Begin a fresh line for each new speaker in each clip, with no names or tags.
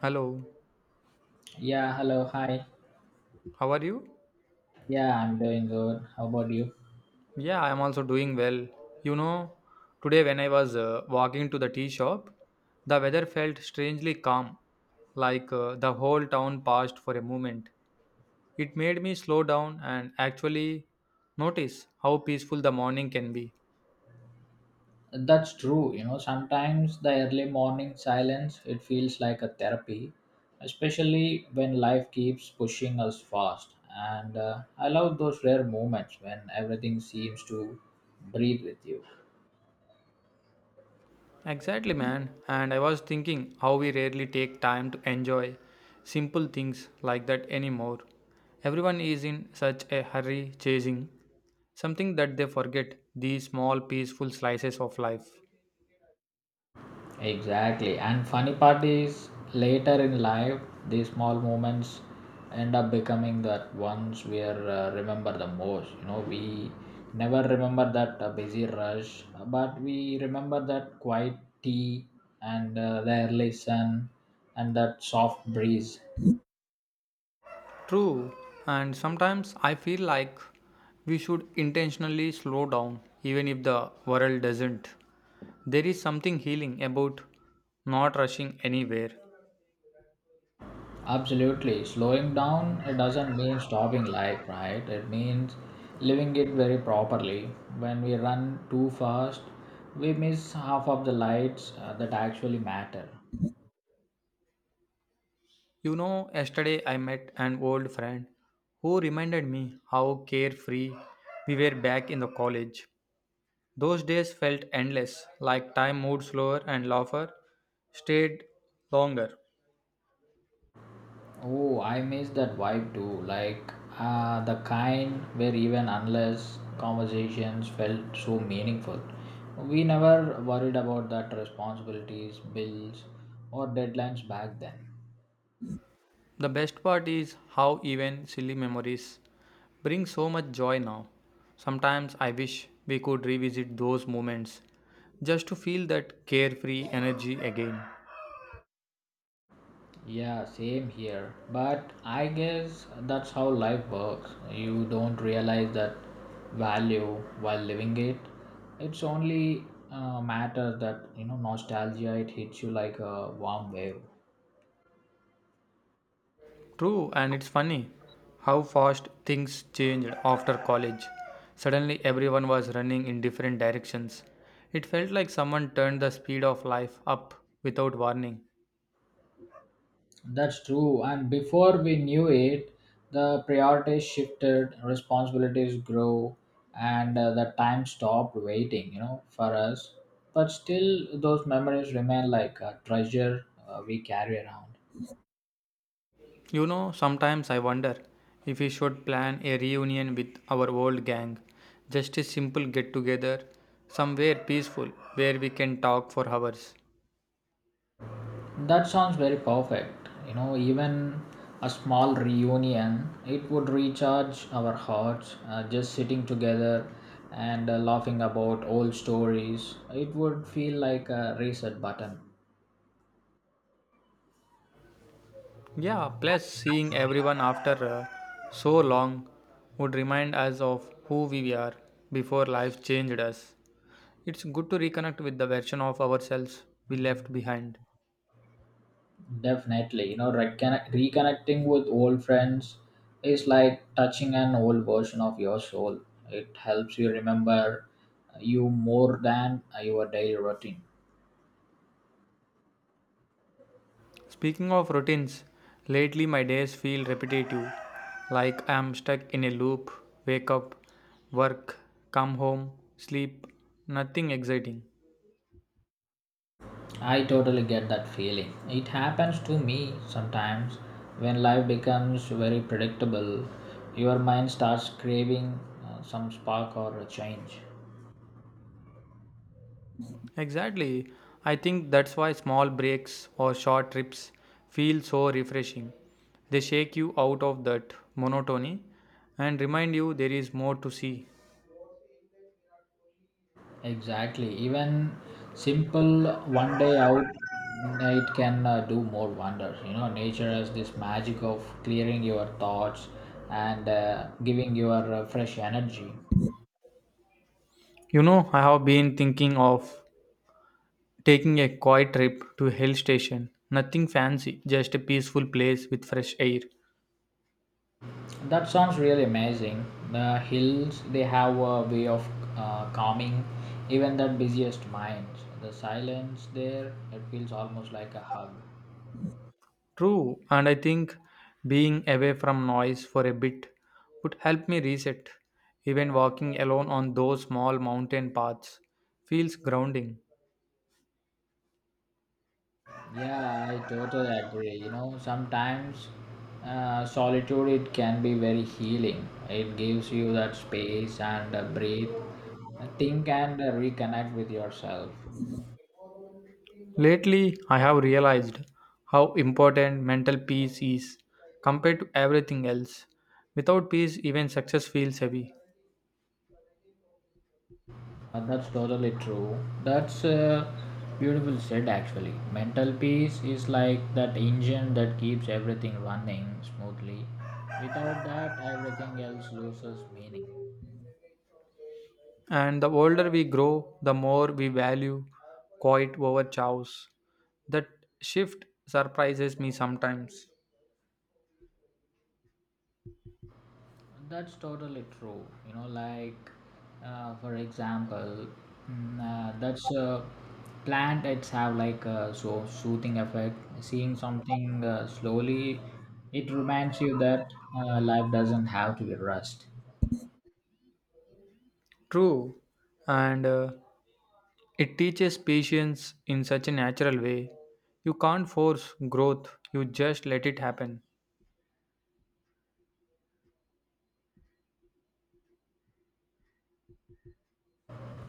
Hello,
Yeah, hello, hi.
how are you?
Yeah, I'm doing good. How about you?
Yeah, I am also doing well. You know, today when I was walking to the tea shop, the weather felt strangely calm, like the whole town paused for a moment. It made me slow down and actually notice how peaceful the morning can be.
That's true. You know, sometimes the early morning silence, it feels like a therapy, especially when life keeps pushing us fast. And I love those rare moments when everything seems to breathe with you.
Exactly, man. And I was thinking how we rarely take time to enjoy simple things like that anymore. Everyone is in such a hurry chasing something that they forget these small peaceful slices of life.
Exactly. And funny part is later in life, these small moments end up becoming that ones we are remember the most. You know, we never remember that busy rush, but we remember that quiet tea and the early sun and that soft breeze.
True, and sometimes I feel like we should intentionally slow down even if the world doesn't. There is something healing about not rushing anywhere.
Absolutely. Slowing down, it doesn't mean stopping life, right? It means living it very properly. When we run too fast, we miss half of the lights that actually matter.
You know, yesterday I met an old friend who reminded me how carefree we were back in the college. Those days felt endless, like time moved slower and laughter stayed longer.
Oh, I miss that vibe too. Like the kind where even unless conversations felt so meaningful. We never worried about that responsibilities, bills, or deadlines back then.
The best part is how even silly memories bring so much joy now. Sometimes I wish we could revisit those moments just to feel that carefree energy again.
Yeah, same here. But I guess that's how life works. You don't realize that value while living it. It's only matter that you know nostalgia. It hits you like a warm wave.
True, and it's funny how fast things changed after college. Suddenly, everyone was running in different directions. It felt like someone turned the speed of life up without warning.
That's true. And before we knew it, the priorities shifted, responsibilities grew, and the time stopped waiting. You know, for us. But still, those memories remain like a treasure we carry around.
You know, sometimes I wonder if we should plan a reunion with our old gang. Just a simple get together, somewhere peaceful, where we can talk for hours.
That sounds very perfect. You know, even a small reunion, it would recharge our hearts. Just sitting together and laughing about old stories, it would feel like a reset button.
Yeah, plus seeing everyone after so long would remind us of who we were before life changed us. It's good to reconnect with the version of ourselves we left behind.
Definitely, you know, reconnecting with old friends is like touching an old version of your soul. It helps you remember you more than your daily routine.
Speaking of routines, lately my days feel repetitive, like I'm stuck in a loop wake up, work, come home, sleep, nothing exciting.
I totally get that feeling. It happens to me sometimes when life becomes very predictable. Your mind starts craving some spark or a change.
Exactly. I think that's why small breaks or short trips feel so refreshing. They shake you out of that monotony and remind you there is more to see.
Exactly. Even simple one day out, it can do more wonders. You know, nature has this magic of clearing your thoughts and giving your fresh energy.
You know, I have been thinking of taking a quiet trip to a hill station. Nothing fancy, just a peaceful place with fresh air.
That sounds really amazing. The hills, they have a way of calming even the busiest minds. The silence there, it feels almost like a hug.
True, and I think being away from noise for a bit would help me reset. Even walking alone on those small mountain paths feels grounding.
Yeah, I totally agree. You know, sometimes solitude it can be very healing. It gives you that space and breathe, think and reconnect with yourself.
Lately, I have realized how important mental peace is compared to everything else. Without peace, even success feels heavy.
That's totally true. That's beautiful said actually. Mental peace is like that engine that keeps everything running smoothly. Without that, everything else loses meaning.
And the older we grow, the more we value quiet over chaos. That shift surprises me sometimes.
That's totally true. You know, like for example, mm, that's plant. It's have like a so soothing effect. Seeing something slowly, it reminds you that life doesn't have to be rushed.
True, and it teaches patience in such a natural way. You can't force growth, you just let it happen.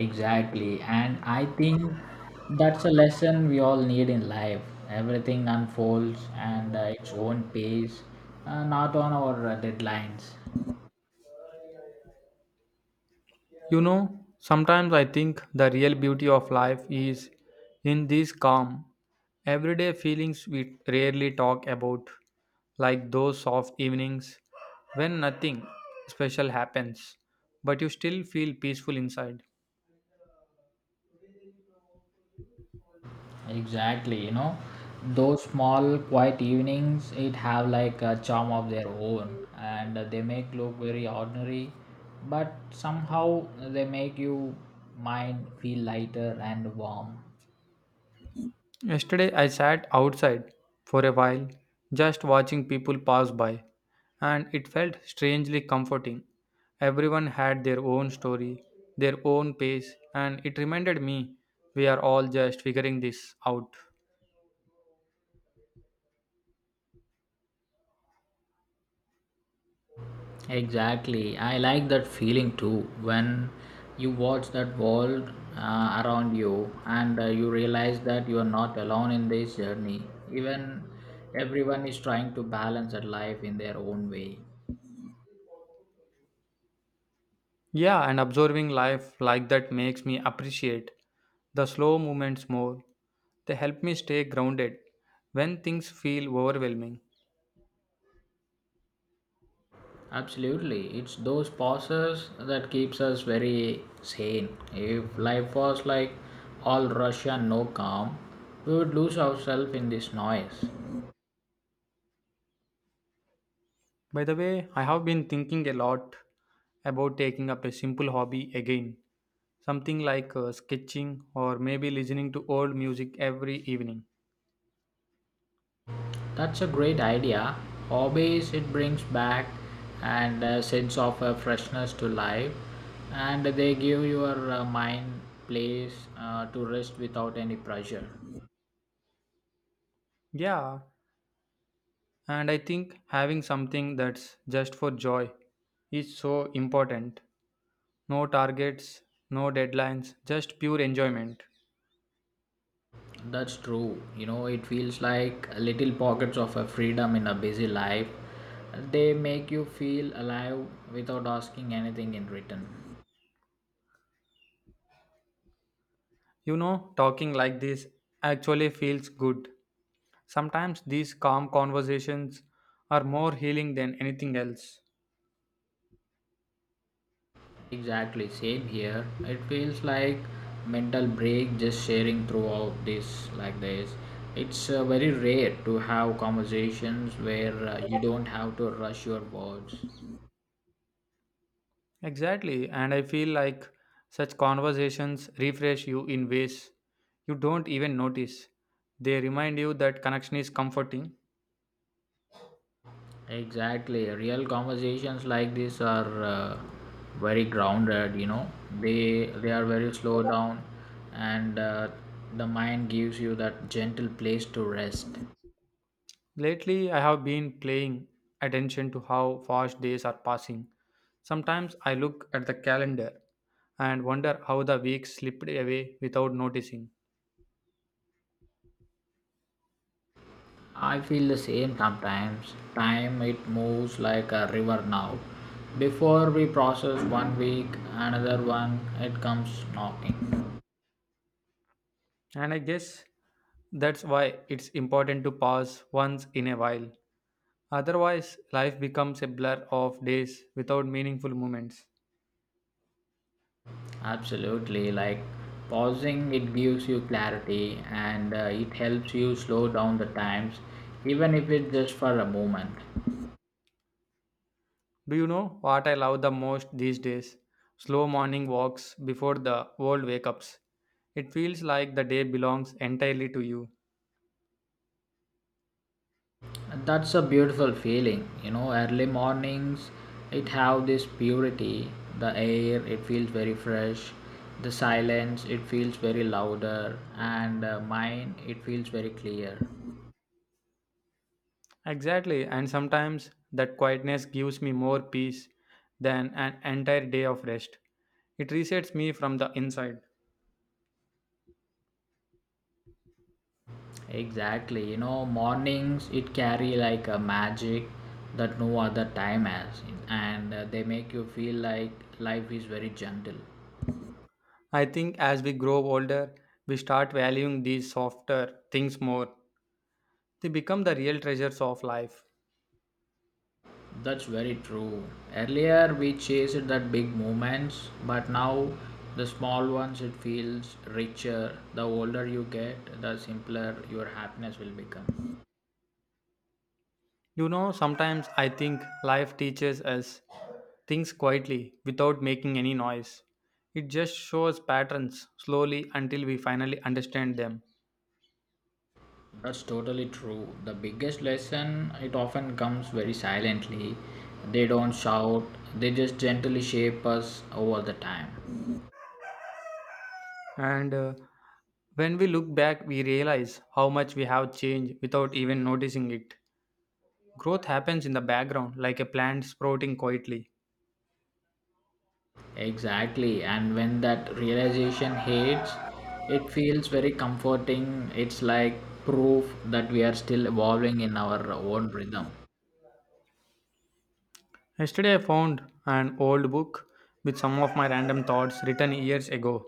Exactly. And I think that's a lesson we all need in life. Everything unfolds and its own pace, not on our deadlines.
You know, sometimes I think the real beauty of life is in these calm, everyday feelings we rarely talk about, like those soft evenings when nothing special happens, but you still feel peaceful inside.
Exactly. You know, those small quiet evenings, it have like a charm of their own and they make look very ordinary, but somehow they make you mind feel lighter and warm.
Yesterday, I sat outside for a while, just watching people pass by, and it felt strangely comforting. Everyone had their own story, their own pace, and it reminded me we are all just figuring this out.
Exactly. I like that feeling too when you watch that world around you and you realize that you are not alone in this journey. Even everyone is trying to balance that life in their own way.
Yeah, and observing life like that makes me appreciate the slow movements more. They help me stay grounded when things feel overwhelming.
Absolutely. It's those pauses that keeps us very sane. If life was like all rush and no calm, we would lose ourselves in this noise.
By the way, I have been thinking a lot about taking up a simple hobby again, something like sketching or maybe listening to old music every evening.
That's a great idea. Hobbies, it brings back and a sense of freshness to life, and they give your mind place to rest without any pressure.
Yeah, and I think having something that's just for joy is so important. No targets, no deadlines, just pure enjoyment.
That's true. You know, it feels like little pockets of freedom in a busy life. They make you feel alive without asking anything in return.
You know, talking like this actually feels good. Sometimes these calm conversations are more healing than anything else.
Exactly, same here. It feels like mental break just sharing throughout this like this. It's very rare to have conversations where you don't have to rush your words.
Exactly. And I feel like such conversations refresh you in ways you don't even notice. They remind you that connection is comforting.
Exactly, real conversations like this are very grounded. You know, they are very slow down, and the mind gives you that gentle place to rest.
Lately, I have been paying attention to how fast days are passing. Sometimes I look at the calendar and wonder how the week slipped away without noticing.
I feel the same sometimes. Time it moves like a river now. Before we process one week, another one, it comes knocking.
And I guess that's why it's important to pause once in a while. Otherwise, life becomes a blur of days without meaningful moments.
Absolutely, like pausing, it gives you clarity and it helps you slow down the times, even if it's just for a moment.
Do you know what I love the most these days? Slow morning walks before the world wake ups. It feels like the day belongs entirely to you.
And that's a beautiful feeling. You know, early mornings it have this purity. The air it feels very fresh, the silence it feels very louder and mine it feels very clear.
Exactly, and sometimes that quietness gives me more peace than an entire day of rest. It resets me from the inside.
Exactly. You know, mornings it carry like a magic that no other time has, and they make you feel like life is very gentle.
I think as we grow older, we start valuing these softer things more. They become the real treasures of life.
That's very true. Earlier we chased that big moments, but now the small ones it feels richer. The older you get, the simpler your happiness will become.
You know, sometimes I think life teaches us things quietly without making any noise. It just shows patterns slowly until we finally understand them.
That's totally true. The biggest lesson it often comes very silently. They don't shout, they just gently shape us over the time.
And when we look back, we realize how much we have changed without even noticing it. Growth happens in the background like a plant sprouting quietly.
Exactly, and when that realization hits, it feels very comforting. It's like proof that we are still evolving in our own rhythm.
Yesterday, I found an old book with some of my random thoughts written years ago.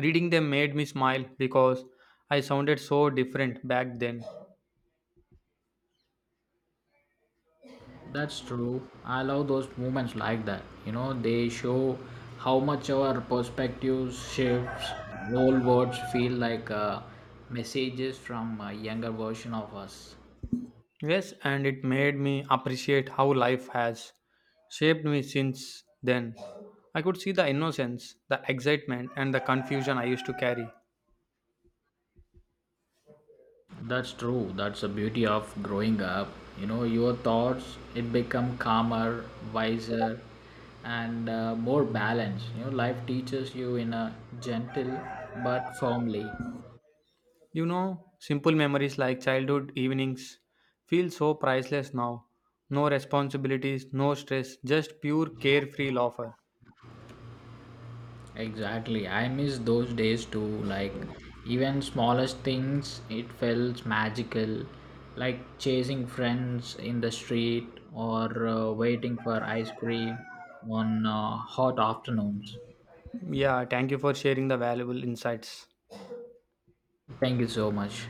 Reading them made me smile because I sounded so different back then.
That's true. I love those moments like that. You know, they show how much our perspectives shifts. Old words feel like messages from a younger version of us.
Yes, and it made me appreciate how life has shaped me since then. I could see the innocence, the excitement, and the confusion I used to carry.
That's true. That's the beauty of growing up. You know, your thoughts it become calmer, wiser, and more balanced. You know, life teaches you in a gentle but firmly.
You know, simple memories like childhood evenings feel so priceless now. No responsibilities, no stress, just pure carefree laughter.
Exactly. I miss those days too. Like even smallest things, it felt magical. Like chasing friends in the street or waiting for ice cream on hot afternoons.
Yeah, thank you for sharing the valuable insights.
Thank you so much.